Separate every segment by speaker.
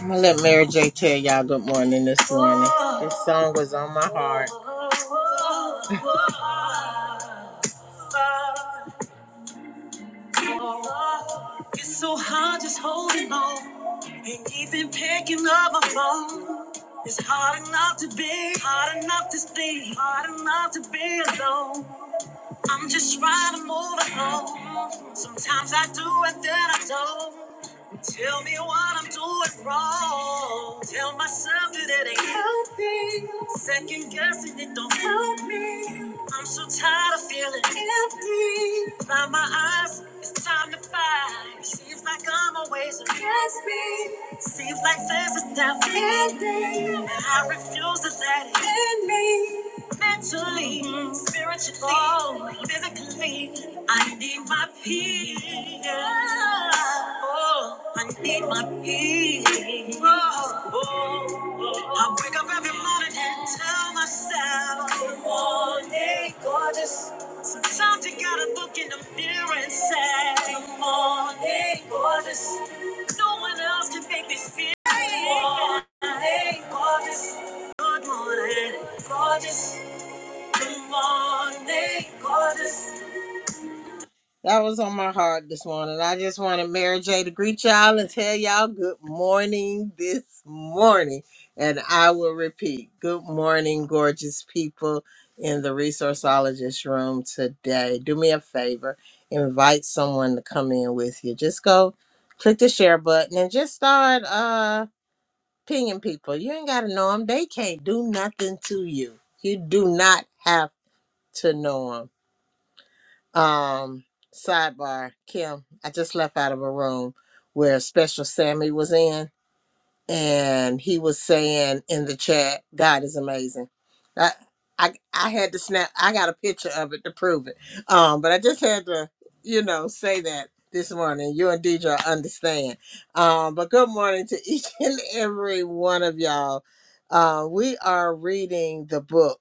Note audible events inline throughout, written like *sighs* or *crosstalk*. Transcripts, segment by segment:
Speaker 1: I'm gonna let Mary J tell y'all good morning this morning. This song was on my heart. *laughs* It's so hard just holding on and even picking up my phone. It's hard enough to be, hard enough to stay, hard enough to be alone. I'm just trying to move along. Sometimes I do and then I don't. Tell me what I'm doing wrong. Tell myself that it ain't healthy. Second guessing it don't help me. I'm so tired of feeling empty. Find my eyes, it's time to fight. Seems like I'm always against me. Seems like there's a death ending. And I refuse to let it end me mentally, spiritually, physically. I need my peace. Oh, I need my peace. Oh, oh. oh. I wake up every morning and tell myself, Good morning, gorgeous. Sometimes you gotta look in the mirror and say, Good morning, gorgeous. No one else can make me feel. Good morning, gorgeous. Good morning, gorgeous. That was on my heart this morning. I just wanted Mary J to greet y'all and tell y'all good morning this morning. And I will repeat good morning, gorgeous people in the resourceologist room today. Do me a favor, invite someone to come in with you. Just go click the share button and just start uh pinging people. You ain't got to know them, they can't do nothing to you. You do not have to know them Um, sidebar, Kim, I just left out of a room where Special Sammy was in, and he was saying in the chat, "God is amazing." I, I, I had to snap. I got a picture of it to prove it. Um, but I just had to, you know, say that this morning. You and DJ understand. Um, but good morning to each *laughs* and every one of y'all. Uh, we are reading the book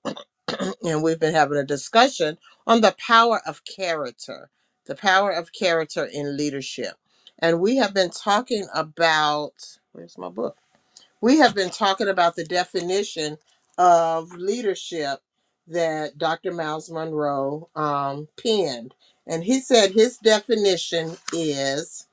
Speaker 1: and we've been having a discussion on the power of character, the power of character in leadership. And we have been talking about, where's my book? We have been talking about the definition of leadership that Dr. Miles Monroe um, penned. And he said his definition is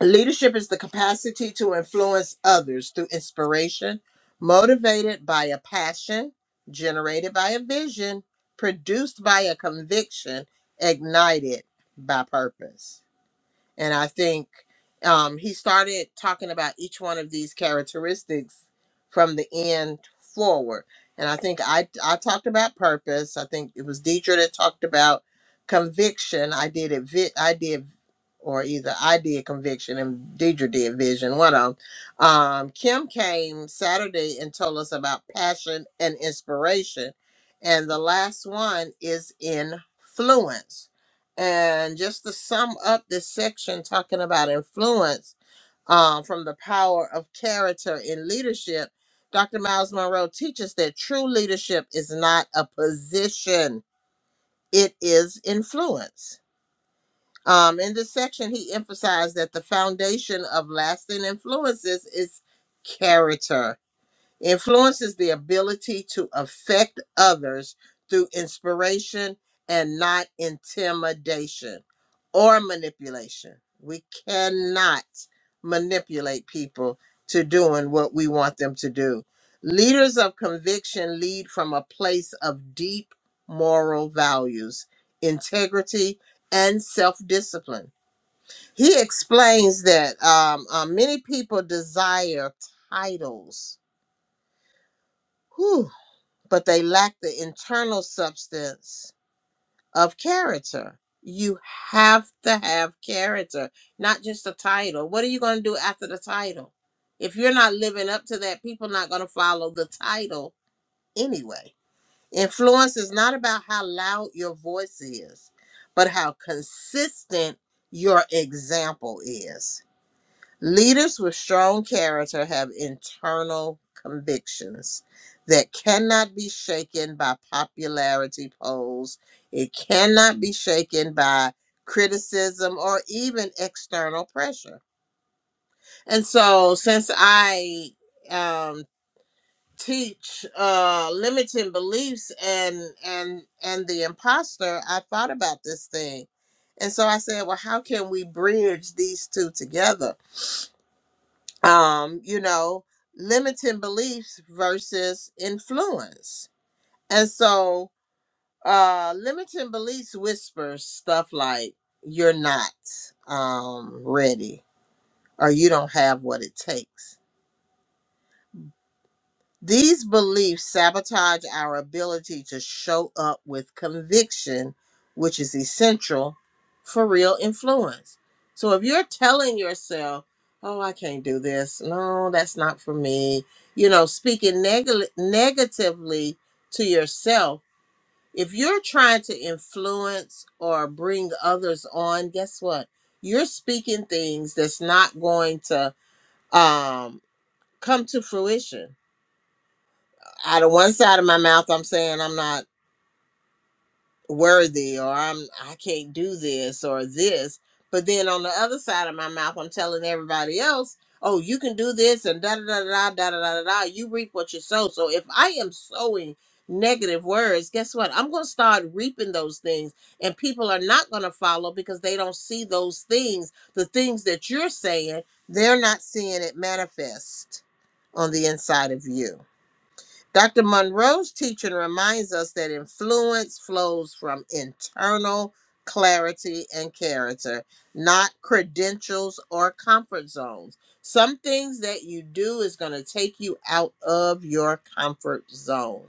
Speaker 1: Leadership is the capacity to influence others through inspiration, motivated by a passion, generated by a vision, produced by a conviction, ignited by purpose. And I think um, he started talking about each one of these characteristics from the end forward. And I think I, I talked about purpose. I think it was Deidre that talked about conviction. I did it. Vi- I did, or either I did conviction and Deidre did vision. One of 'em. Um, Kim came Saturday and told us about passion and inspiration. And the last one is influence and just to sum up this section talking about influence uh, from the power of character in leadership, Dr. Miles Monroe teaches that true leadership is not a position, it is influence. Um, in this section, he emphasized that the foundation of lasting influences is character Influence is the ability to affect others through inspiration and not intimidation or manipulation. We cannot manipulate people to doing what we want them to do. Leaders of conviction lead from a place of deep moral values, integrity, and self discipline. He explains that um, uh, many people desire titles. Whew, but they lack the internal substance of character. You have to have character, not just a title. What are you going to do after the title? If you're not living up to that, people not going to follow the title anyway. Influence is not about how loud your voice is, but how consistent your example is Leaders with strong character have internal convictions that cannot be shaken by popularity polls. It cannot be shaken by criticism or even external pressure. And so, since I um, teach uh, limiting beliefs and and and the imposter, I thought about this thing, and so I said, well, how can we bridge these two together? um, you know, limiting beliefs versus influence. And so, uh, limiting beliefs whispers stuff like, you're not um, ready or you don't have what it takes. These beliefs sabotage our ability to show up with conviction, which is essential for real influence. So if you're telling yourself, oh, I can't do this, no, that's not for me, you know, speaking neg- negatively to yourself, if you're trying to influence or bring others on, guess what? You're speaking things that's not going to um, come to fruition out of one side of my mouth i'm saying i'm not worthy or i'm i can't do this or this but then on the other side of my mouth i'm telling everybody else oh you can do this and da da da da da da da da da. you reap what you sow so if i am sowing negative words guess what i'm going to start reaping those things and people are not going to follow because they don't see those things the things that you're saying they're not seeing it manifest on the inside of you Dr. Monroe's teaching reminds us that influence flows from internal clarity and character, not credentials or comfort zones. Some things that you do is going to take you out of your comfort zone.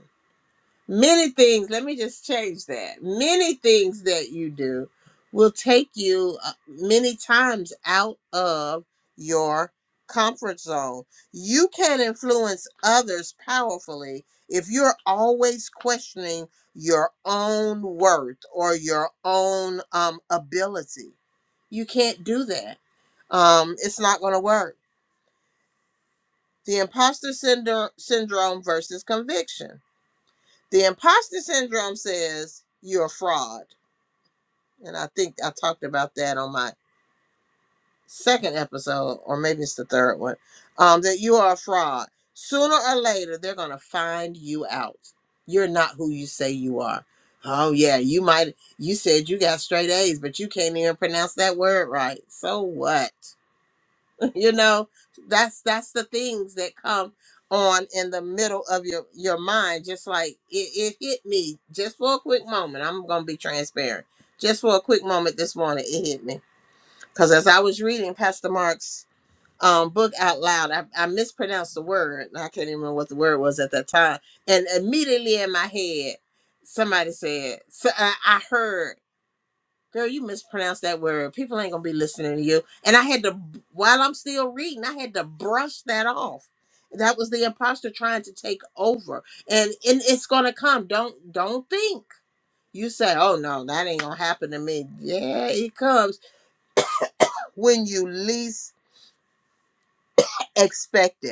Speaker 1: Many things, let me just change that. Many things that you do will take you uh, many times out of your comfort zone. You can influence others powerfully if you're always questioning your own worth or your own um, ability. You can't do that. Um, it's not going to work. The imposter syndrome syndrome versus conviction. The imposter syndrome says you're a fraud. And I think I talked about that on my second episode, or maybe it's the third one, um, that you are a fraud. Sooner or later, they're going to find you out. You're not who you say you are. Oh, yeah, you might, you said you got straight A's, but you can't even pronounce that word right. So what? you know that's that's the things that come on in the middle of your your mind just like it, it hit me just for a quick moment i'm gonna be transparent just for a quick moment this morning it hit me because as i was reading pastor mark's um, book out loud I, I mispronounced the word i can't even remember what the word was at that time and immediately in my head somebody said so I, I heard Girl, you mispronounced that word. People ain't gonna be listening to you. And I had to, while I'm still reading, I had to brush that off. That was the imposter trying to take over, and and it's gonna come. Don't don't think you say, oh no, that ain't gonna happen to me. Yeah, it comes when you least Expected,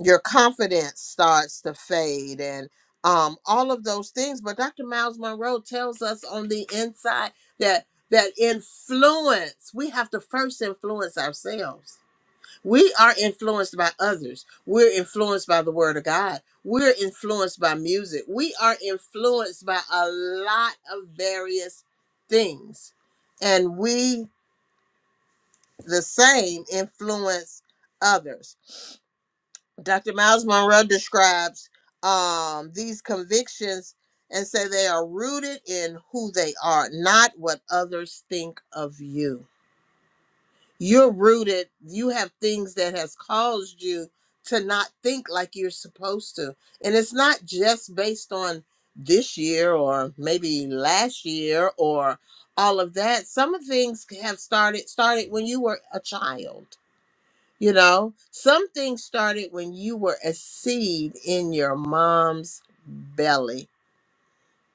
Speaker 1: your confidence starts to fade and um, all of those things. But Dr. Miles Monroe tells us on the inside that that influence, we have to first influence ourselves. We are influenced by others. We're influenced by the word of God. We're influenced by music. We are influenced by a lot of various things. And we the same influence others. Dr. Miles Monroe describes um, these convictions and say they are rooted in who they are, not what others think of you. You're rooted. You have things that has caused you to not think like you're supposed to, and it's not just based on this year or maybe last year or all of that. Some of things have started started when you were a child you know, some things started when you were a seed in your mom's belly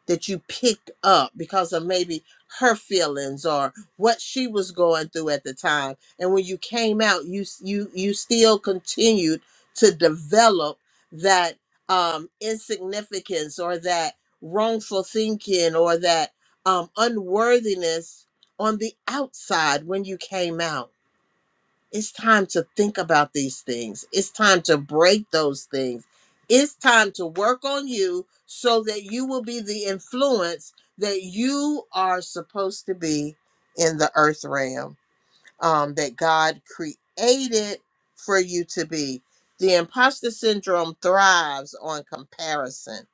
Speaker 1: that you picked up because of maybe her feelings or what she was going through at the time. And when you came out, you s- you you still continued to develop that um, insignificance or that wrongful thinking or that um, unworthiness on the outside when you came out it's time to think about these things. It's time to break those things. It's time to work on you so that you will be the influence that you are supposed to be in the earth realm um, that God created for you to be. The imposter syndrome thrives on comparison,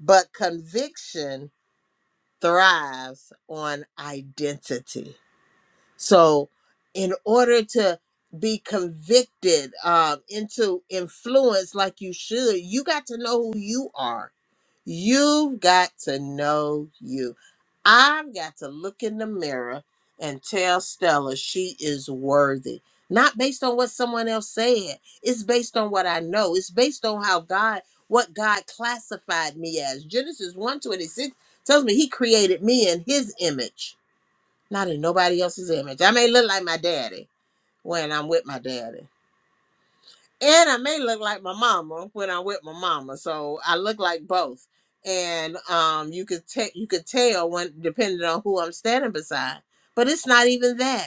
Speaker 1: but conviction thrives on identity. So, in order to be convicted um, into influence like you should, you got to know who you are. You've got to know you. I've got to look in the mirror and tell Stella she is worthy. Not based on what someone else said. It's based on what I know. It's based on how God, what God classified me as. Genesis one twenty six tells me he created me in his image not in nobody else's image. I may look like my daddy when I'm with my daddy, and I may look like my mama when I'm with my mama. So I look like both, and um, you could take you could tell when depending on who I'm standing beside. But it's not even that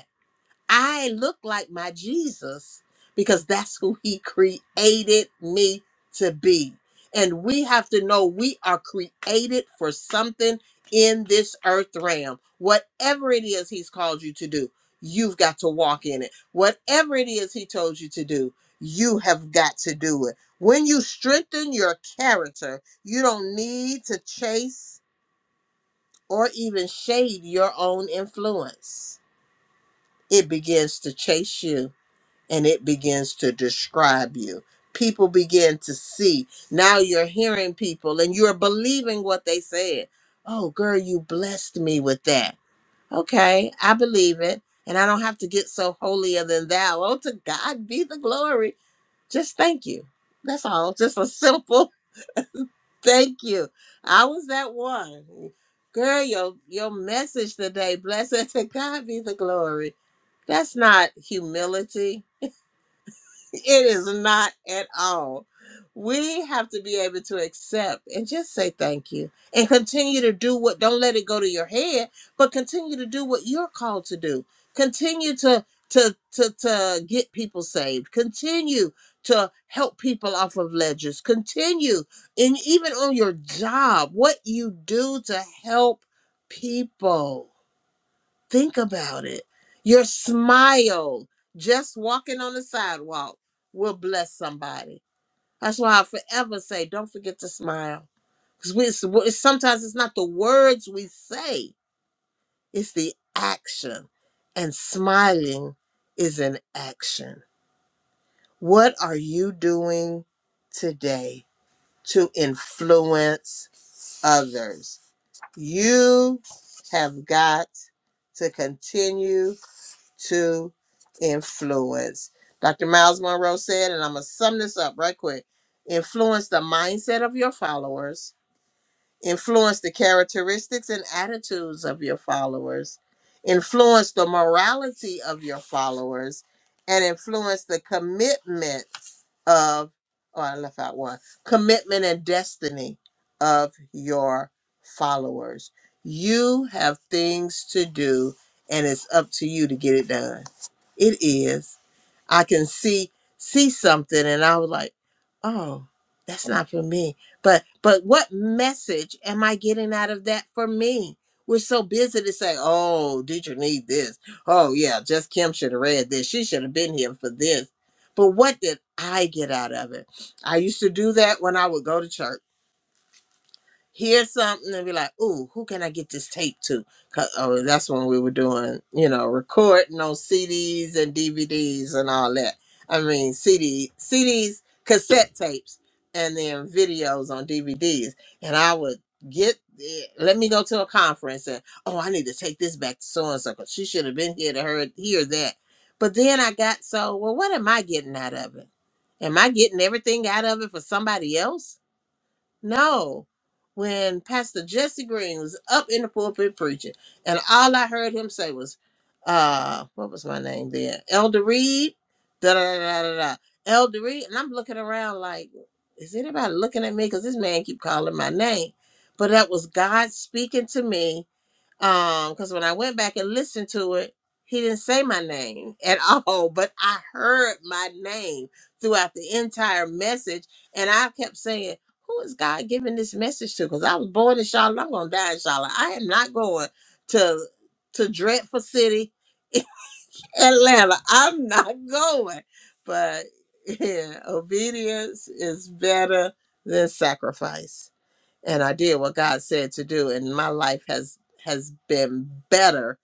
Speaker 1: I look like my Jesus because that's who he created me to be. And we have to know we are created for something in this earth realm. Whatever it is he's called you to do, you've got to walk in it. Whatever it is he told you to do, you have got to do it. When you strengthen your character, you don't need to chase or even shade your own influence. It begins to chase you and it begins to describe you. People begin to see. Now you're hearing people and you're believing what they said. Oh, girl, you blessed me with that. Okay, I believe it. And I don't have to get so holier than thou. Oh, to God be the glory. Just thank you. That's all. Just a simple *laughs* thank you. I was that one. Girl, your your message today, blessed *laughs* to God be the glory. That's not humility *laughs* It is not at all. We have to be able to accept and just say thank you and continue to do what, don't let it go to your head, but continue to do what you're called to do. Continue to to to to get people saved. Continue to help people off of ledges. Continue and even on your job, what you do to help people. Think about it. Your smile, just walking on the sidewalk, will bless somebody. That's why I forever say, don't forget to smile. Because we it's- it's- sometimes it's not the words we say, it's the action. And smiling is an action. What are you doing today to influence others? You have got to continue to influence. Dr. Miles Monroe said, and I'm going to sum this up right quick influence the mindset of your followers influence the characteristics and attitudes of your followers, influence the morality of your followers, and influence the commitment of, oh, I left out one, commitment and destiny of your followers. You have things to do, and it's up to you to get it done. It is. I can see see something, and I was like, oh, that's not for me but but what message am I getting out of that for me? We're so busy to say, "Oh, did you need this?" "Oh yeah, just Kim should have read this. She should have been here for this." But what did I get out of it? I used to do that when I would go to church hear something and be like, "Ooh, who can I get this tape to?" 'Cause- Oh, that's when we were doing, you know, recording on CDs and DVDs and all that. I mean, CD, CDs, cassette tapes, and then videos on DVDs. And I would get, the- let me go to a conference and, oh, I need to take this back to so and so because she should have been here to hear, hear that. But then I got so, well, what am I getting out of it? Am I getting everything out of it for somebody else? No, when Pastor Jesse Green was up in the pulpit preaching, and all I heard him say was, uh, what was my name then? Elder Reed, da da da da da. da. Elder Reed, and I'm looking around like, is anybody looking at me? Because this man keep calling my name. But that was God speaking to me um because when i went back and listened to it he didn't say my name *laughs* at all but i heard my name throughout the entire message and i kept saying who is god giving this message to because i was born in charlotte i'm gonna die in charlotte i am not going to to dreadful city *laughs* atlanta i'm not going but *laughs* yeah obedience is better than sacrifice and I did what God said to do, and my life has has been better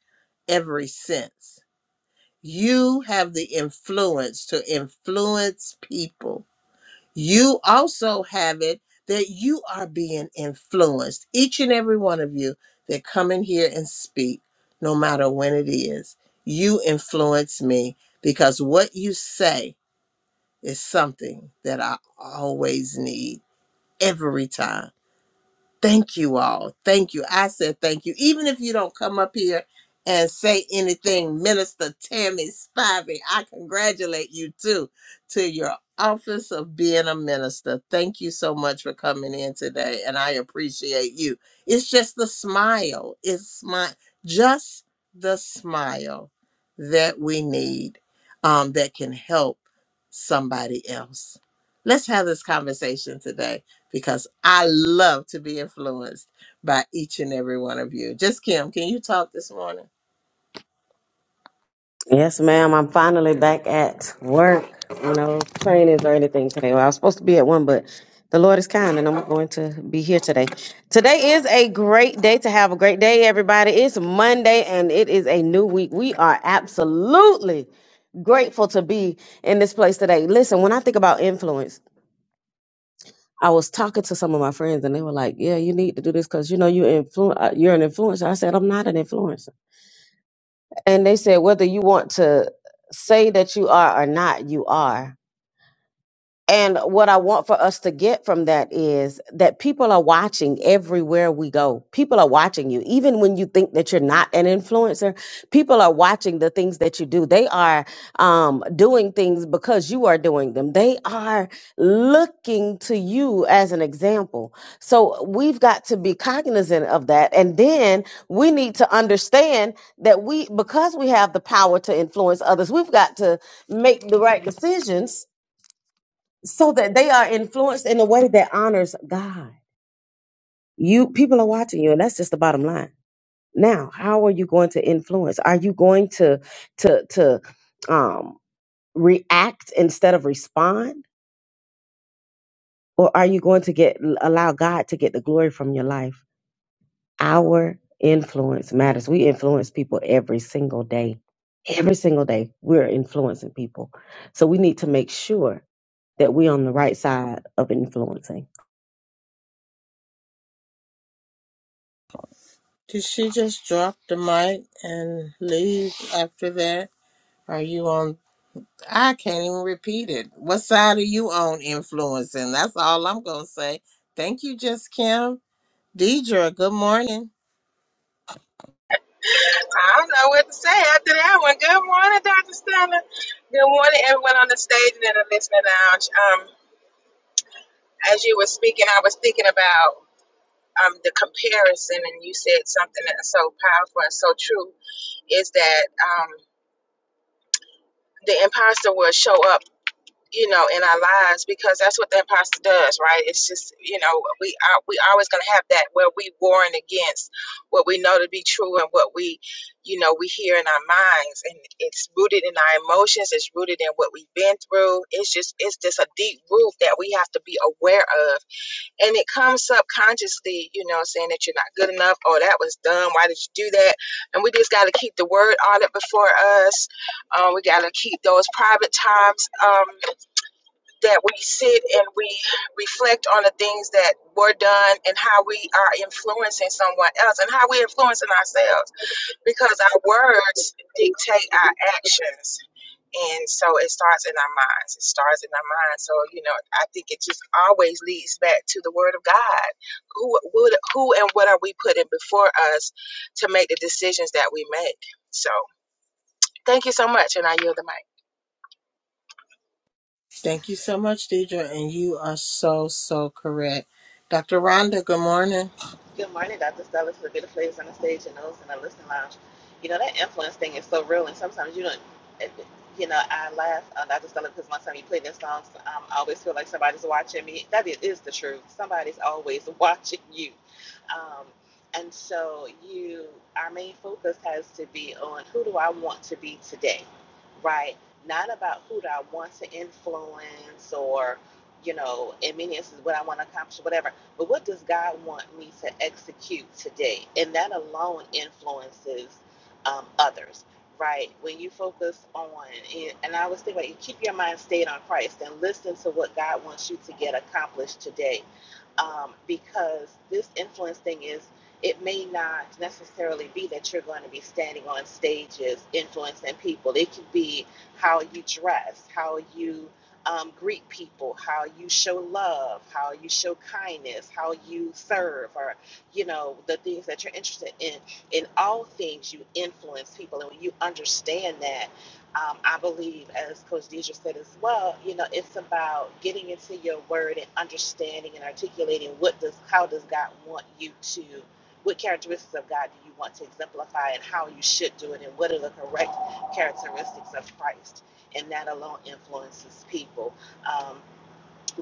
Speaker 1: ever since. You have the influence to influence people. You also have it that you are being influenced. Each and every one of you that come in here and speak, no matter when it is, you influence me because what you say is something that I always need every time thank you all. Thank you. I said thank you. Even if you don't come up here and say anything, Minister Tammy Spivey, I congratulate you too to your office of being a minister. Thank you so much for coming in today, and I appreciate you. It's just the smile. It's my just the smile that we need um, that can help somebody else. Let's have this conversation today because I love to be influenced by each and every one of you. Just Kim, can you talk this morning?
Speaker 2: Yes, ma'am. I'm finally back at work. No trainings or anything today. Well, I was supposed to be at one, but the Lord is kind and I'm going to be here today. Today is a great day to have a great day, everybody. It's Monday and it is a new week. We are absolutely grateful to be in this place today. Listen, when I think about influence, I was talking to some of my friends and they were like, "Yeah, you need to do this because you know you influ- uh, you're an influencer." I said, "I'm not an influencer." And they said, whether you want to say that you are or not, you are. And what I want for us to get from that is that people are watching everywhere we go. People are watching you. Even when you think that you're not an influencer, people are watching the things that you do. They are um, doing things because you are doing them. They are looking to you as an example. So we've got to be cognizant of that. And then we need to understand that we, because we have the power to influence others, we've got to make the right decisions so that they are influenced in a way that honors God. You people are watching you, and that's just the bottom line. Now, how are you going to influence? Are you going to to to um, react instead of respond, or are you going to get allow God to get the glory from your life? Our influence matters. We influence people every single day. Every single day, we're influencing people. So we need to make sure that we're on the right side of influencing
Speaker 1: Did she just drop the mic and leave after that? Are you on? I can't even repeat it. What side are you on influencing? That's all I'm going to say. Thank you, Just Kim. Deidre, good morning.
Speaker 3: I don't know what to say after that one. Good morning, Dr. Stella. Good morning, everyone on the stage and in the listening lounge. Um, as you were speaking, I was thinking about um, the comparison, and you said something that's so powerful and so true is that um, the imposter will show up. you know, in our lives because that's what the imposter does, right? It's just, you know, we are we always gonna have that where we warring against what we know to be true and what we, you know, we hear in our minds and it's rooted in our emotions, it's rooted in what we've been through. It's just it's just a deep root that we have to be aware of. And it comes subconsciously, you know, saying that you're not good enough, oh that was dumb, why did you do that? And we just gotta keep the word on it before us. Um, we gotta keep those private times. Um that we sit and we reflect on the things that were done and how we are influencing someone else and how we're influencing ourselves because our words dictate our actions. And so it starts in our minds. It starts in our minds. So, you know, I think it just always leads back to the word of God. Who would who and what are we putting before us to make the decisions that we make? So thank you so much and I yield the mic.
Speaker 1: Thank you so much, Deidre. And you are so, so correct. Dr. Rhonda, good morning.
Speaker 4: Good morning, Dr. Stella, to the beautiful ladies on the stage and those in the listening lounge. You know, that influence thing is so real, and sometimes you don't, you know, I laugh, uh, Dr. Stella, because one time you play them songs, um, I always feel like somebody's watching me. That is, is the truth. Somebody's always *laughs* watching you. Um, and so you, our main focus has to be on who do I want to be today, right? Not about who do I want to influence or, you know, in many instances what I want to accomplish, whatever. But what does God want me to execute today? And that alone influences um, others, right? When you focus on, and I always think about it, you keep your mind stayed on Christ and listen to what God wants you to get accomplished today um, because this influence thing is it may not necessarily be that you're going to be standing on stages influencing people it could be how you dress how you um, greet people how you show love how you show kindness how you serve or you know the things that you're interested in in all things you influence people and when you understand that um, I believe, as Coach Deidre said as well, you know, it's about getting into your word and understanding and articulating what does, how does God want you to, what characteristics of God do you want to exemplify and how you should do it and what are the correct characteristics of Christ. And that alone influences people. Um,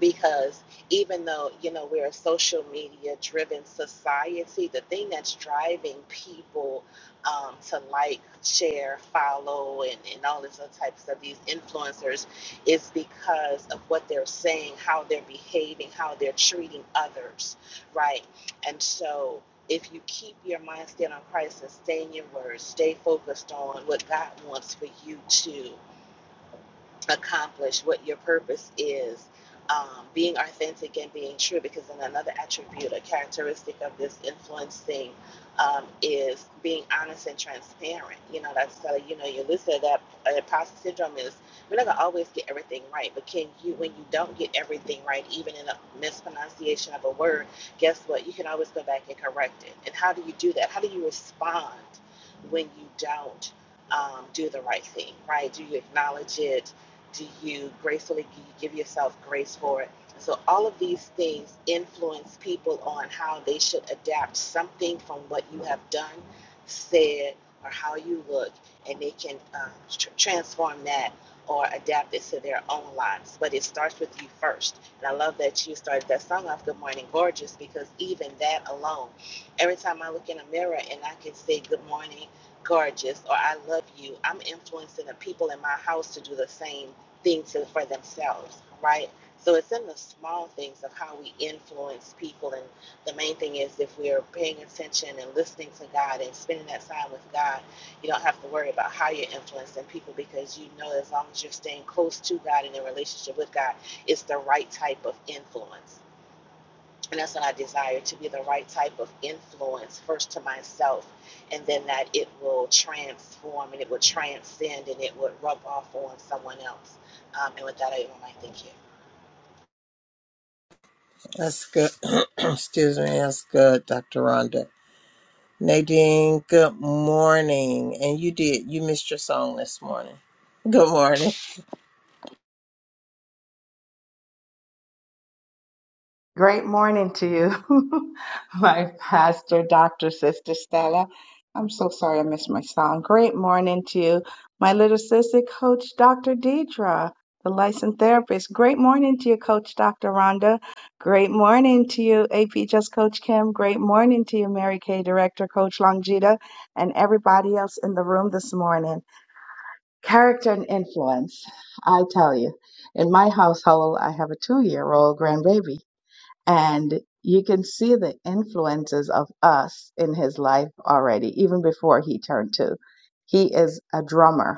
Speaker 4: because even though you know we're a social media driven society the thing that's driving people um, to like share follow and, and all these other types of these influencers is because of what they're saying how they're behaving how they're treating others right and so if you keep your mind stayed on christ and stay in your word stay focused on what god wants for you to accomplish what your purpose is um, being authentic and being true because then another attribute a characteristic of this influencing um, is being honest and transparent you know that's uh, you know you listen to that uh, imposter syndrome is we're not gonna always get everything right but can you when you don't get everything right even in a mispronunciation of a word guess what you can always go back and correct it and how do you do that how do you respond when you don't um, do the right thing, right? Do you acknowledge it? do you gracefully give yourself grace for it? So, all of these things influence people on how they should adapt something from what you have done, said, or how you look, and they can um, tr- transform that or adapt it to their own lives. But it starts with you first. And I love that you started that song off, Good Morning Gorgeous, because even that alone, every time I look in a mirror and I can say, Good morning, gorgeous, or I love you, I'm influencing the people in my house to do the same Things for themselves, right? So it's in the small things of how we influence people. And the main thing is if we're paying attention and listening to God and spending that time with God, you don't have to worry about how you're influencing people because you know as long as you're staying close to God and in relationship with God, it's the right type of influence and that's what I desire to be the right type of influence, first to myself, and then that it will transform and it will transcend and it would rub off on someone else. Um, and with that, I want to thank you.
Speaker 1: That's good. *clears throat* Excuse me. That's good, Dr. Rhonda. Nadine, good morning. And you did, you missed your song this morning. *laughs* Good morning.
Speaker 5: Great morning to you, *laughs* my pastor, Dr. Sister Stella. I'm so sorry I missed my song. Great morning to you, my little sister, Coach Dr. Deidra, the licensed therapist. Great morning to you, Coach Dr. Rhonda. Great morning to you, AP Just Coach Kim. Great morning to you, Mary Kay Director, Coach Longita, and everybody else in the room this morning. Character and influence. I tell you, in my household, I have a two year old grandbaby. And you can see the influences of us in his life already, even before he turned two. He is a drummer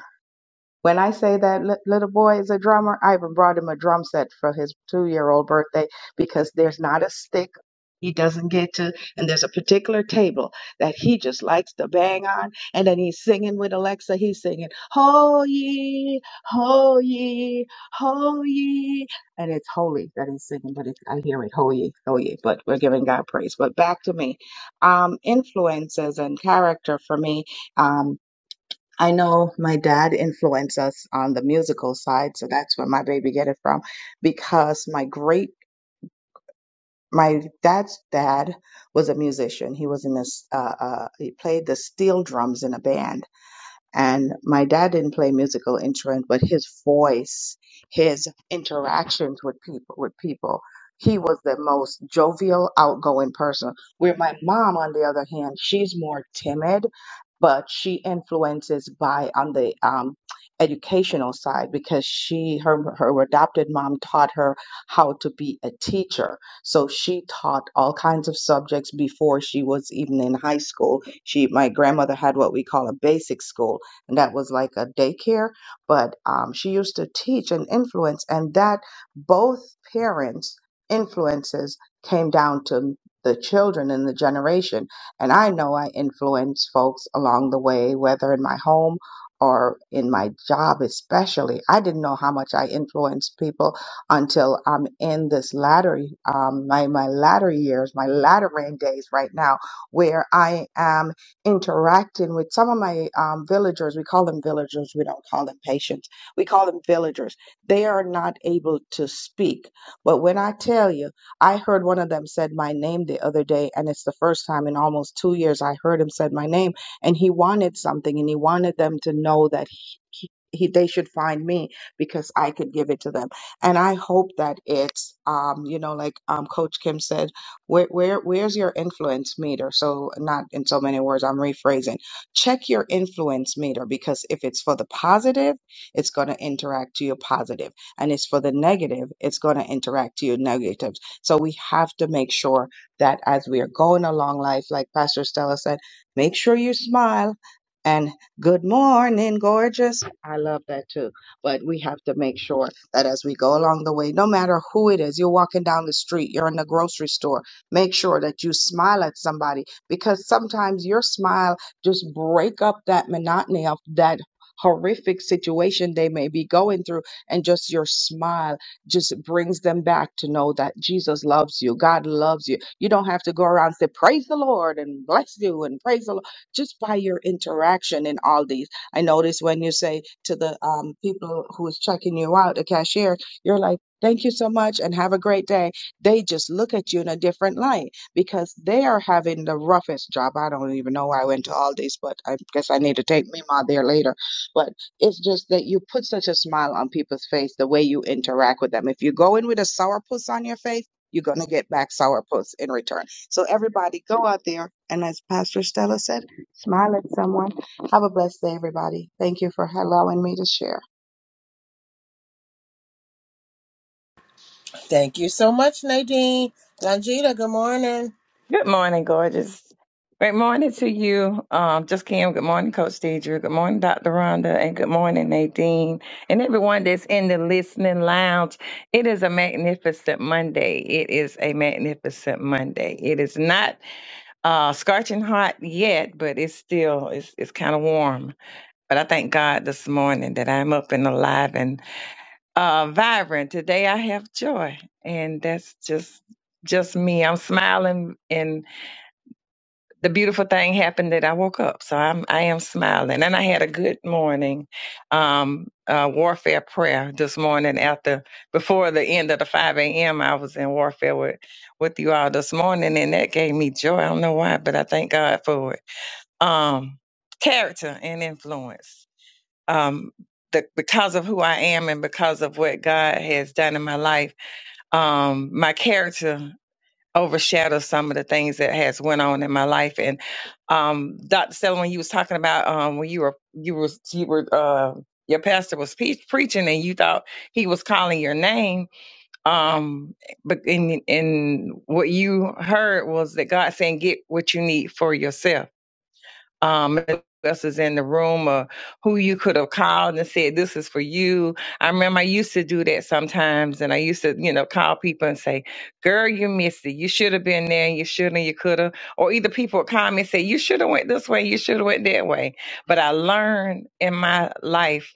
Speaker 5: when I say that li- little boy is a drummer, I even brought him a drum set for his two year old birthday because there's not a stick he doesn't get to. And there's a particular table that he just likes to bang on. And then he's singing with Alexa. He's singing, Ho ye, ho ye, ho ye. And it's holy that he's singing, but it, I hear it, ho ye, ho ye. But we're giving God praise. But back to me. Um, influences and character for me. Um, I know my dad influenced us on the musical side, so that's where my baby get it from. Because my great my dad's dad was a musician. He was in this uh, uh, he played the steel drums in a band and my dad didn't play musical instrument, but his voice, his interactions with people, with people, he was the most jovial, outgoing person. Where my mom, on the other hand, she's more timid, but she influences by on the um, educational side because she her her adopted mom taught her how to be a teacher. So she taught all kinds of subjects before she was even in high school. She my grandmother had what we call a basic school and that was like a daycare. But um, she used to teach and influence, and that both parents' influences came down to the children and the generation. And I know I influence folks along the way, whether in my home or in my job, especially. I didn't know how much I influenced people until I'm in this latter, um, my, my latter years, my latter rain days right now, where I am interacting with some of my um, villagers. We call them villagers. We don't call them patients. We call them villagers. They are not able to speak. But when I tell you, I heard one of them said my name the other day, and it's the first time in almost two years I heard him said my name, and he wanted something, and he wanted them to know that he. he he- they should find me because I could give it to them, and I hope that it's, um, you know, like um, Coach Kim said where, where where's your influence meter? So not in so many words, I'm rephrasing. Check your influence meter because if it's for the positive, it's going to interact to you positive, and it's for the negative, it's going to interact to you negative. So we have to make sure that as we are going along life, like Pastor Stella said, make sure you smile and good morning, gorgeous. I love that too. But we have to make sure that as we go along the way, no matter who it is, you're walking down the street, you're in the grocery store Make sure that you smile at somebody because sometimes your smile just break up that monotony of that horrific situation they may be going through and just your smile just brings them back to know that Jesus loves you. God loves you. You don't have to go around and say praise the Lord and bless you and praise the Lord just by your interaction in all these. I notice when you say to the um, people who is checking you out, the cashier, you're like, thank you so much and have a great day they just look at you in a different light because they are having the roughest job. I don't even know why I went to all this, but I guess I need to take Mima there later. But it's just that you put such a smile on people's face the way you interact with them. If you go in with a sourpuss on your face, you're going to get back sourpuss in return. So everybody go out there and as Pastor Stella said, smile at someone. Have a blessed day, everybody. Thank you for allowing me to share.
Speaker 1: Thank you so much, Nadine. Longita, good morning.
Speaker 6: Good morning, gorgeous. Great morning to you, um, just Kim. Good morning, Coach Deidre. Good morning, Dr. Rhonda, and good morning, Nadine, and everyone that's in the listening lounge. It is a magnificent Monday. It is a magnificent Monday. It is not uh, scorching hot yet, but it's still it's it's kind of warm. But I thank God this morning that I'm up and alive and uh, vibrant. Today I have joy, and that's just just me. I'm smiling the beautiful thing happened that I woke up. So I'm I am smiling. And I had a good morning um uh warfare prayer this morning after before the end of the five AM I was in warfare with with you all this morning and that gave me joy. I don't know why, but I thank God for it. Um character and influence. Um the, because of who I am and because of what God has done in my life, um, my character overshadow some of the things that has went on in my life. And um, Dr. Stella, when you was talking about um, when you were you was you were uh, your pastor was pe- preaching and you thought he was calling your name, um, but in in what you heard was that God saying, "Get what you need for yourself." um who else is in the room or who you could have called and said this is for you i remember i used to do that sometimes and i used to you know call people and say girl you missed it you should have been there and you should have you could have or either people would call me and say you should have went this way you should have went that way but i learned in my life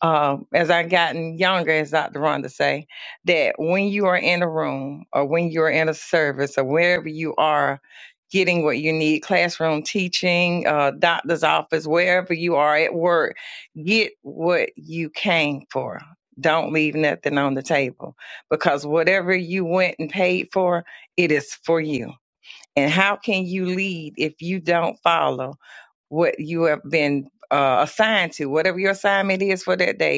Speaker 6: um, as I gotten younger, as Dr. Rhonda say, that when you are in a room or when you're in a service or wherever you are getting what you need, classroom teaching, uh, doctor's office, wherever you are at work, get what you came for. Don't leave nothing on the table because whatever you went and paid for, it is for you. And how can you lead if you don't follow what you have been uh, assigned to, whatever your assignment is for that day?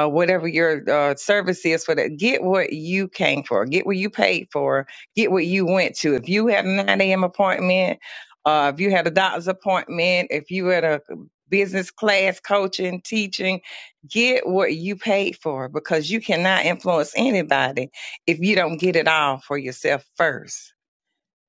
Speaker 6: uh, whatever your uh, service is for that. Get what you came for. Get what you paid for. Get what you went to. If you had a 9 a.m. appointment, uh, if you had a doctor's appointment, if you had a business class coaching, teaching, get what you paid for because you cannot influence anybody if you don't get it all for yourself first.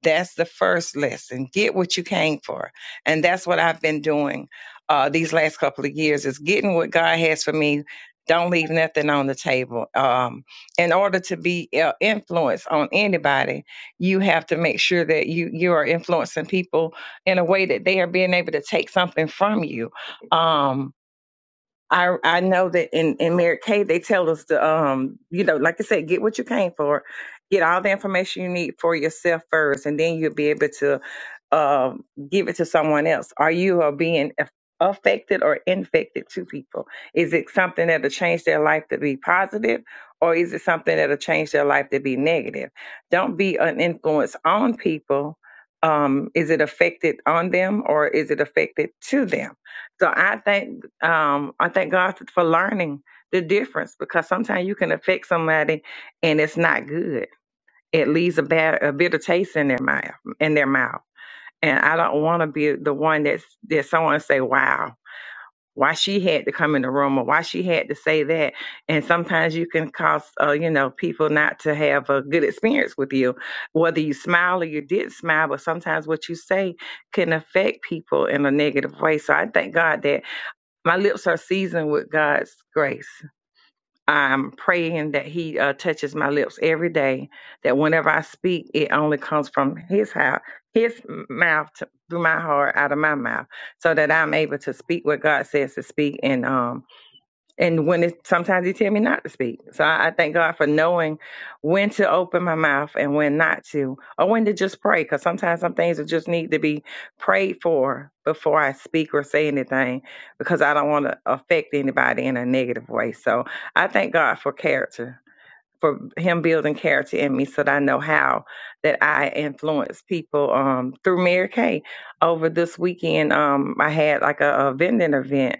Speaker 6: That's the first lesson. Get what you came for. And that's what I've been doing uh, these last couple of years is getting what God has for me. Don't leave nothing on the table. Um, in order to be uh, influenced on anybody, you have to make sure that you you are influencing people in a way that they are being able to take something from you. Um, I I know that in in Mary Kay they tell us to um you know like I said get what you came for, get all the information you need for yourself first, and then you'll be able to um, give it to someone else? Are you uh, being aff- affected or infected to people? Is it something that'll change their life to be positive, or is it something that'll change their life to be negative? Don't be an influence on people. Um, is it affected on them or is it affected to them? So I thank um, I thank God for learning the difference because sometimes you can affect somebody and it's not good. It leaves a bad a bitter taste in their mouth in their mouth and I don't want to be the one that's that someone say, "Wow, why she had to come in the room, or why she had to say that." And sometimes you can cause, uh, you know, people not to have a good experience with you, whether you smile or you did not smile. But sometimes what you say can affect people in a negative way. So I thank God that my lips are seasoned with God's grace. I'm praying that He uh, touches my lips every day. That whenever I speak, it only comes from His house, His mouth to, through my heart, out of my mouth, so that I'm able to speak what God says to speak and um and when it sometimes he tell me not to speak. So I, I thank God for knowing when to open my mouth and when not to, or when to just pray. Because sometimes some things will just need to be prayed for before I speak or say anything, because I don't want to affect anybody in a negative way. So I thank God for character, for Him building character in me, so that I know how that I influence people um, through Mary Kay. Over this weekend, um, I had like a, a vending event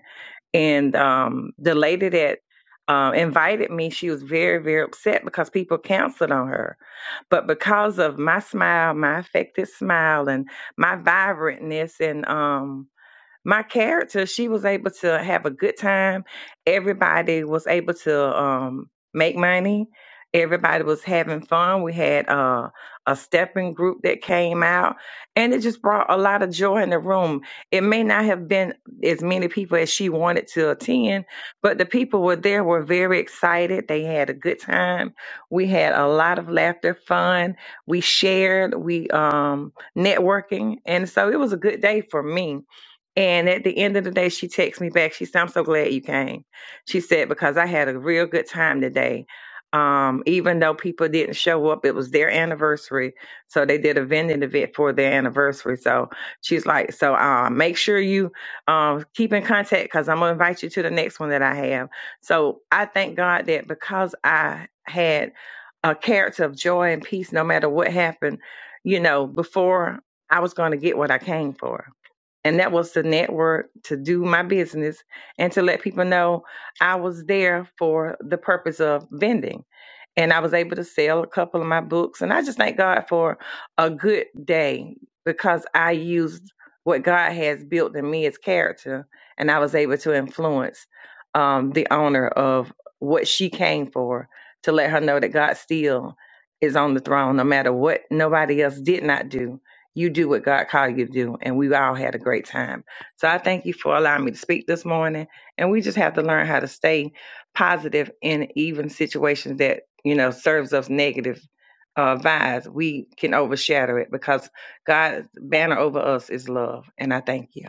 Speaker 6: and um, the lady that um, invited me, she was very, very upset because people canceled on her. But because of my smile, my affected smile, and my vibrantness, and um, my character, she was able to have a good time. Everybody was able to um, make money. Everybody was having fun. We had uh, a stepping group that came out, and it just brought a lot of joy in the room. It may not have been as many people as she wanted to attend, but the people were there were very excited. They had a good time. We had a lot of laughter, fun. We shared, we um, networking, and so it was a good day for me and at the end of the day, she texted me back. She said, I'm so glad you came. She said, because I had a real good time today. Um, even though people didn't show up, it was their anniversary. So they did a vending event for their anniversary. So she's like, so uh, make sure you um, keep in contact because I'm going to invite you to the next one that I have. So I thank God that because I had a character of joy and peace, no matter what happened, you know, before I was going to get what I came for and that was to network, to do my business, and to let people know I was there for the purpose of vending. And I was able to sell a couple of my books. And I just thank God for a good day because I used what God has built in me as character, and I was able to influence um, the owner of what she came for to let her know that God still is on the throne, no matter what nobody else did not do you do what God called you to do, and we all had a great time. So I thank you for allowing me to speak this morning, and we just have to learn how to stay positive in even situations that you know serves us negative uh, vibes. We can overshadow it because God's banner over us is love, and I thank you.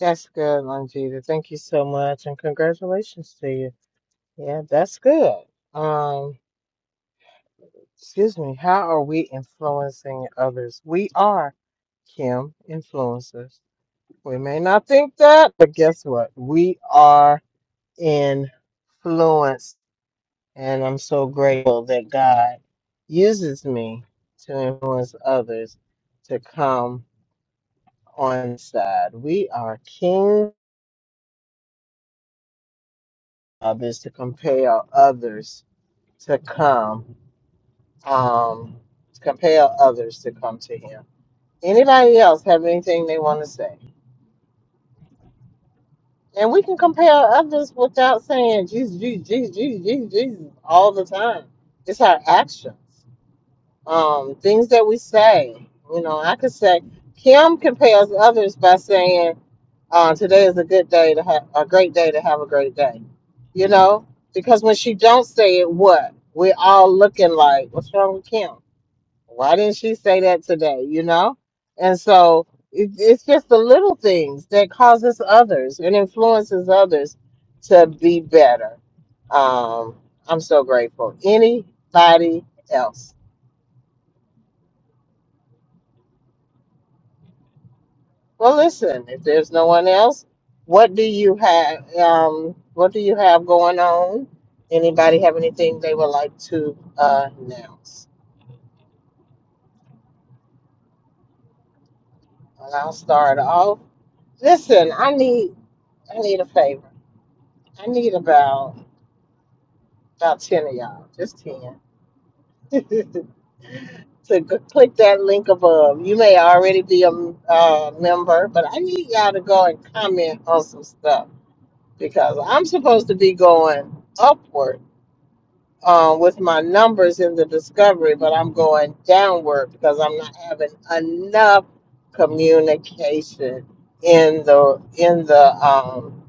Speaker 1: That's good, Longita. Thank you so much, and congratulations to you. Yeah, that's good. Um, excuse me. How are we influencing others? We are, Kim, influencers. We may not think that, but guess what? We are influencers. And I'm so grateful that God uses me to influence others to come on His side. We are king others to compel others to come. Um to compel others to come to him. Anybody else have anything they want to say? And we can compel others without saying Jesus, Jesus, Jesus, Jesus, Jesus all the time. It's our actions. um, things that we say. You know, I could say Kim compels others by saying, uh, "Today is a good day to have a great day to have a great day." You know, because when she don't say it, what we're all looking like, what's wrong with Kim? Why didn't she say that today? You know, and so it, it's just the little things that causes others and influences others to be better. Um, I'm so grateful. Anybody else? Well, listen, if there's no one else, what do you have um what do you have going on? Anybody have anything they would like to uh, announce? And I'll start off. Listen, I need I need a favor. I need about about ten of y'all, just ten. *laughs* to g- click that link above. You may already be a m- uh, member, but I need y'all to go and comment on some stuff because I'm supposed to be going upward uh, with my numbers in the discovery, but I'm going downward because I'm not having enough communication in the in the um,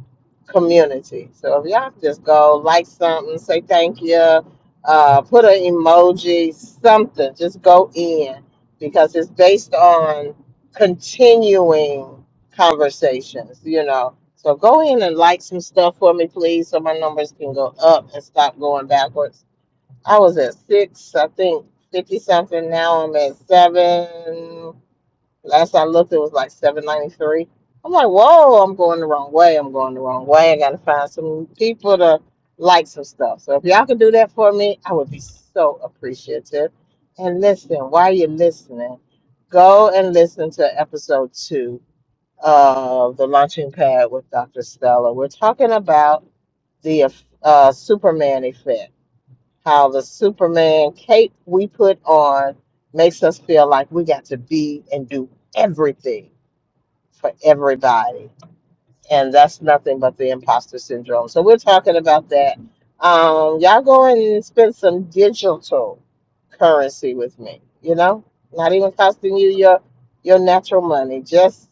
Speaker 1: community. So if y'all could just go like something, say thank you, uh, put an emoji, something, just go in because it's based on continuing conversations, you know. So go in and like some stuff for me, please, so my numbers can go up and stop going backwards I was at six, I think fifty something. Now I'm at seven. Last I looked, it was like seven ninety three. I'm like, whoa, I'm going the wrong way. I'm going the wrong way. I gotta find some people to like some stuff. So if y'all can do that for me, I would be so appreciative. And listen, while you're listening, go and listen to episode two of the launching pad with Dr. Stella. We're talking about the uh, Superman effect how the Superman cape we put on makes us feel like we got to be and do everything for everybody and that's nothing but the imposter syndrome. So we're talking about that. Um, y'all go and spend some digital currency with me. You know, not even costing you your your natural money, just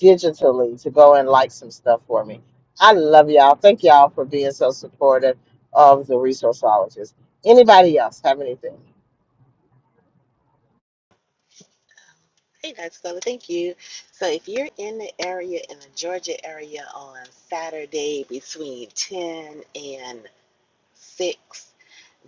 Speaker 1: digitally to go and like some stuff for me. I love y'all. Thank y'all for being so supportive of the resourceologist. Anybody else have anything?
Speaker 4: Hey, guys. So, Thank you. So, if you're in the area, in the Georgia area on Saturday between 10 and six.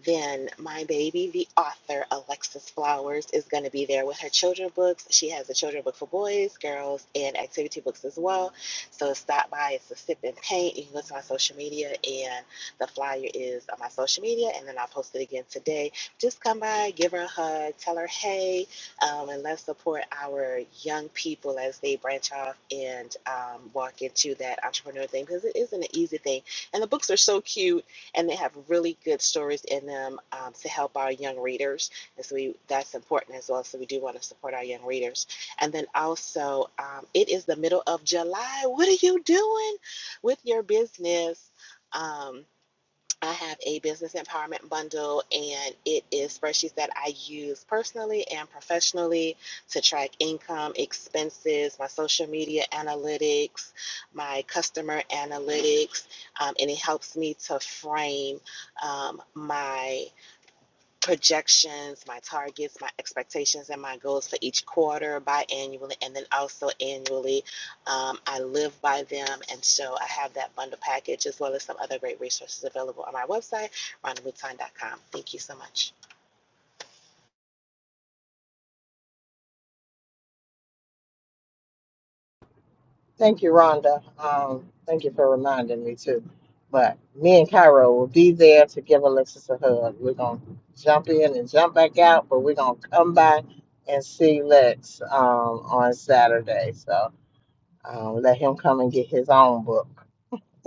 Speaker 4: Then my baby, the author Alexis Flowers, is going to be there with her children books. She has a children book for boys, girls, and activity books as well. So stop by. It's a sip and paint. You can go to my social media, and the flyer is on my social media, and then I'll post it again today. Just come by, give her a hug, tell her hey, um, and let's support our young people as they branch off and um, walk into that entrepreneur thing because it isn't an easy thing. And the books are so cute and they have really good stories in them um, to help our young readers. And so we, that's important as well. So we do want to support our young readers. And then also, um, it is the middle of July. What are you doing with your business? Um, I have a business empowerment bundle, and it is spreadsheets that I use personally and professionally to track income, expenses, my social media analytics, my customer analytics, um, and it helps me to frame um, my projections, my targets, my expectations, and my goals for each quarter, biannually, and then also annually. Um, I live by them, and so I have that bundle package as well as some other great resources available on my website, rondaluton.com. Thank you so much.
Speaker 1: Thank you, Rhonda. Um, thank you for reminding me too. But me and Cairo will be there to give Alexis a hug. We're gonna jump in and jump back out, but we're gonna come by and see Lex um, on Saturday. So um, let him come and get his own book. *laughs*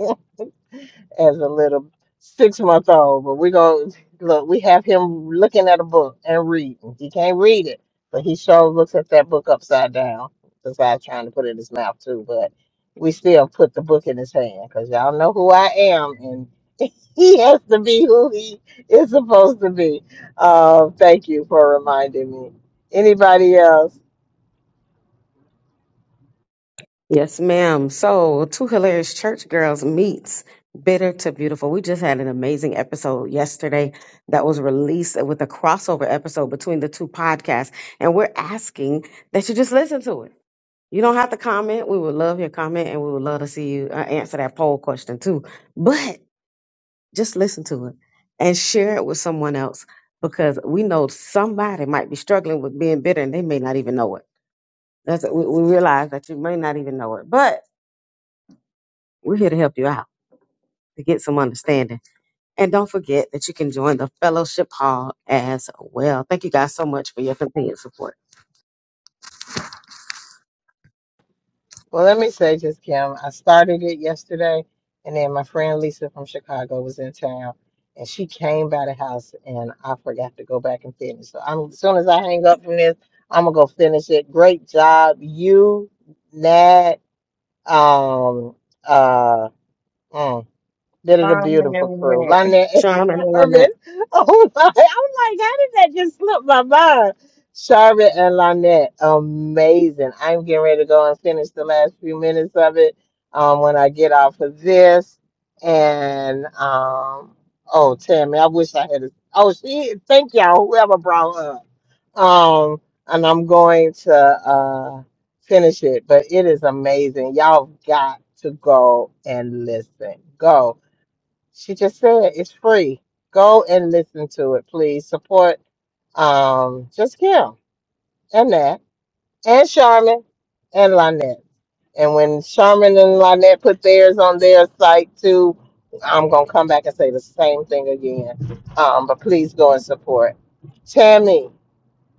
Speaker 1: as a little six month old. But we're going to look, we have him looking at a book and reading. He can't read it, but he sure looks at that book upside down, besides trying to put it in his mouth, too. But we still put the book in his hand because y'all know who I am. And *laughs* he has to be who he is supposed to be. Uh, thank you for reminding me. Anybody else?
Speaker 2: Yes, ma'am. So, two hilarious church girls meets bitter to beautiful. We just had an amazing episode yesterday that was released with a crossover episode between the two podcasts, and we're asking that you just listen to it. You don't have to comment. We would love your comment, and we would love to see you uh, answer that poll question too. But just listen to it and share it with someone else because we know somebody might be struggling with being bitter, and they may not even know it. That's we, we realize that you may not even know it, but we're here to help you out to get some understanding. And don't forget that you can join the fellowship hall as well. Thank you guys so much for your continued support.
Speaker 1: Well, let me say just Kim, I started it yesterday, and then my friend Lisa from Chicago was in town, and she came by the house, and I forgot to go back and finish. So I'm as soon as I hang up from this, I'm gonna go finish it. Great job, you, Nat, um, uh, mm. That is a beautiful crew.
Speaker 6: Amen.
Speaker 1: Lynette and
Speaker 2: Sean and
Speaker 1: Charmin.
Speaker 2: Lynette,
Speaker 1: *laughs* Oh my, I'm like, how did that just slip my mind? Charmin and Lynette, amazing. I'm getting ready to go and finish the last few minutes of it um, when I get off of this. And um, oh, Tammy, I wish I had. A, oh, she. Thank y'all, whoever brought her up. Um, and I'm going to uh, finish it, but it is amazing. Y'all got to go and listen. Go. She just said it's free. Go and listen to it, please. Support um, just Kim and Nat and Charmin and Lynette. And when Charmin and Lynette put theirs on their site too, I'm gonna come back and say the same thing again. Um, but please go and support Tammy,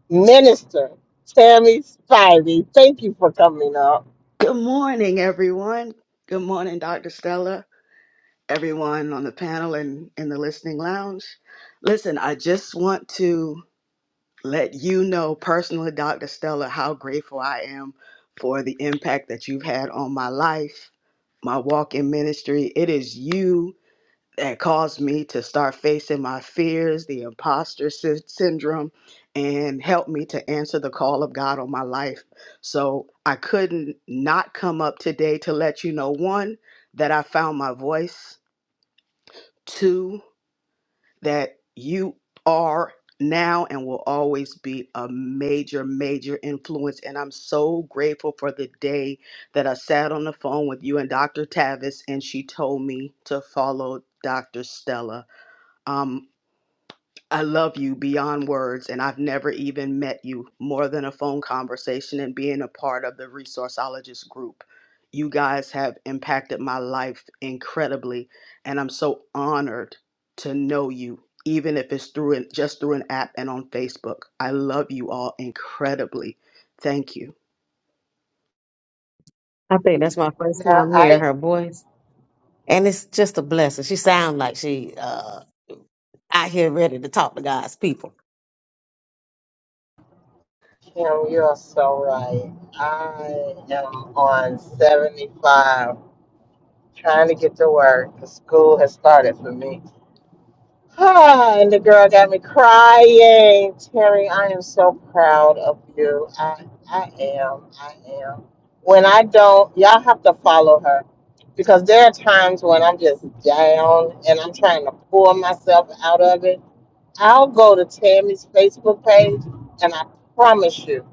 Speaker 1: Minister Tammy Spivey. Thank you for coming up.
Speaker 7: Good morning, everyone. Good morning, Dr. Stella, everyone on the panel and in the listening lounge. Listen, I just want to let you know personally, Dr. Stella, how grateful I am for the impact that you've had on my life, my walk in ministry. It is you that caused me to start facing my fears, the imposter sy- syndrome, and helped me to answer the call of God on my life. So I couldn't not come up today to let you know one, that I found my voice, two, that you are now and will always be a major, major influence. And I'm so grateful for the day that I sat on the phone with you and Dr. Tavis, and she told me to follow Dr. Stella. Um, I love you beyond words, and I've never even met you more than a phone conversation and being a part of the resourceologist group. You guys have impacted my life incredibly, and I'm so honored to know you, even if it's through an, just through an app and on Facebook. I love you all incredibly. Thank you.
Speaker 2: I think that's my first
Speaker 1: Now
Speaker 2: time hearing
Speaker 1: I
Speaker 2: her voice. And it's just a blessing. She sounds like she uh out here ready to talk to God's people.
Speaker 1: Kim, you are so right. I am on 75 trying to get to work. 'cause School has started for me. *sighs* and the girl got me crying. Terry, I am so proud of you. I, I am. I am. When I don't, y'all have to follow her because there are times when I'm just down and I'm trying to pull myself out of it. I'll go to Tammy's Facebook page and I promise you,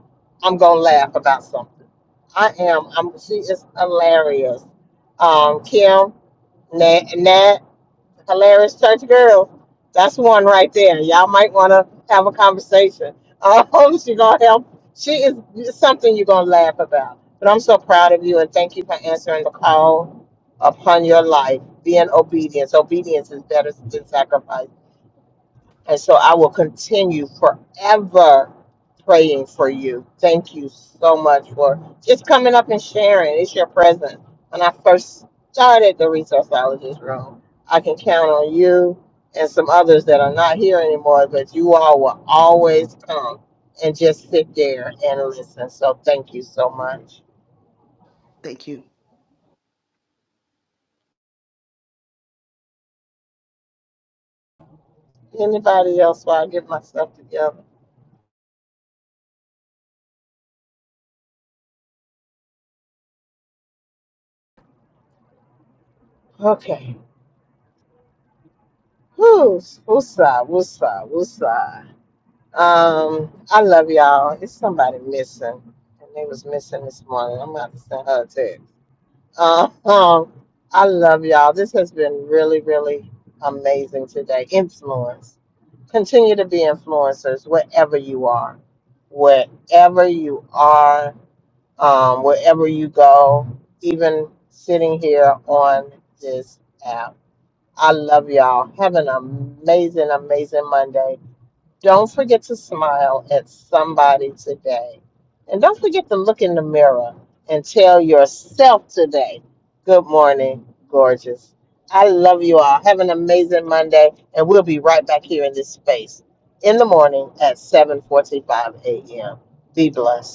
Speaker 1: I'm going to laugh about something. I am. I'm, she is hilarious. Um, Kim, Nat, Nat, hilarious church girl. That's one right there. Y'all might want to have a conversation. Um, *laughs* she gonna help. She is something you're gonna laugh about. But I'm so proud of you and thank you for answering the call upon your life. Being obedient. Obedience Obedience is better than sacrifice. And so I will continue forever praying for you. Thank you so much for just coming up and sharing. It's your presence. When I first started the resourceologist room, I can count on you and some others that are not here anymore, but you all will always come and just sit there and listen. So thank you so much.
Speaker 7: Thank you.
Speaker 1: Anybody else while I get myself together? Okay. Who's who's side? Who's side? Who's side? Um, I love y'all. It's somebody missing, and they was missing this morning. I'm about to send her a text. Uh, Um, I love y'all. This has been really, really amazing today. Influence. Continue to be influencers wherever you are, wherever you are, um, wherever you go. Even sitting here on this app. I love y'all. Have an amazing, amazing Monday. Don't forget to smile at somebody today. And don't forget to look in the mirror and tell yourself today, Good morning, gorgeous. I love you all. Have an amazing Monday, and we'll be right back here in this space in the morning at 7:45 a.m. Be blessed.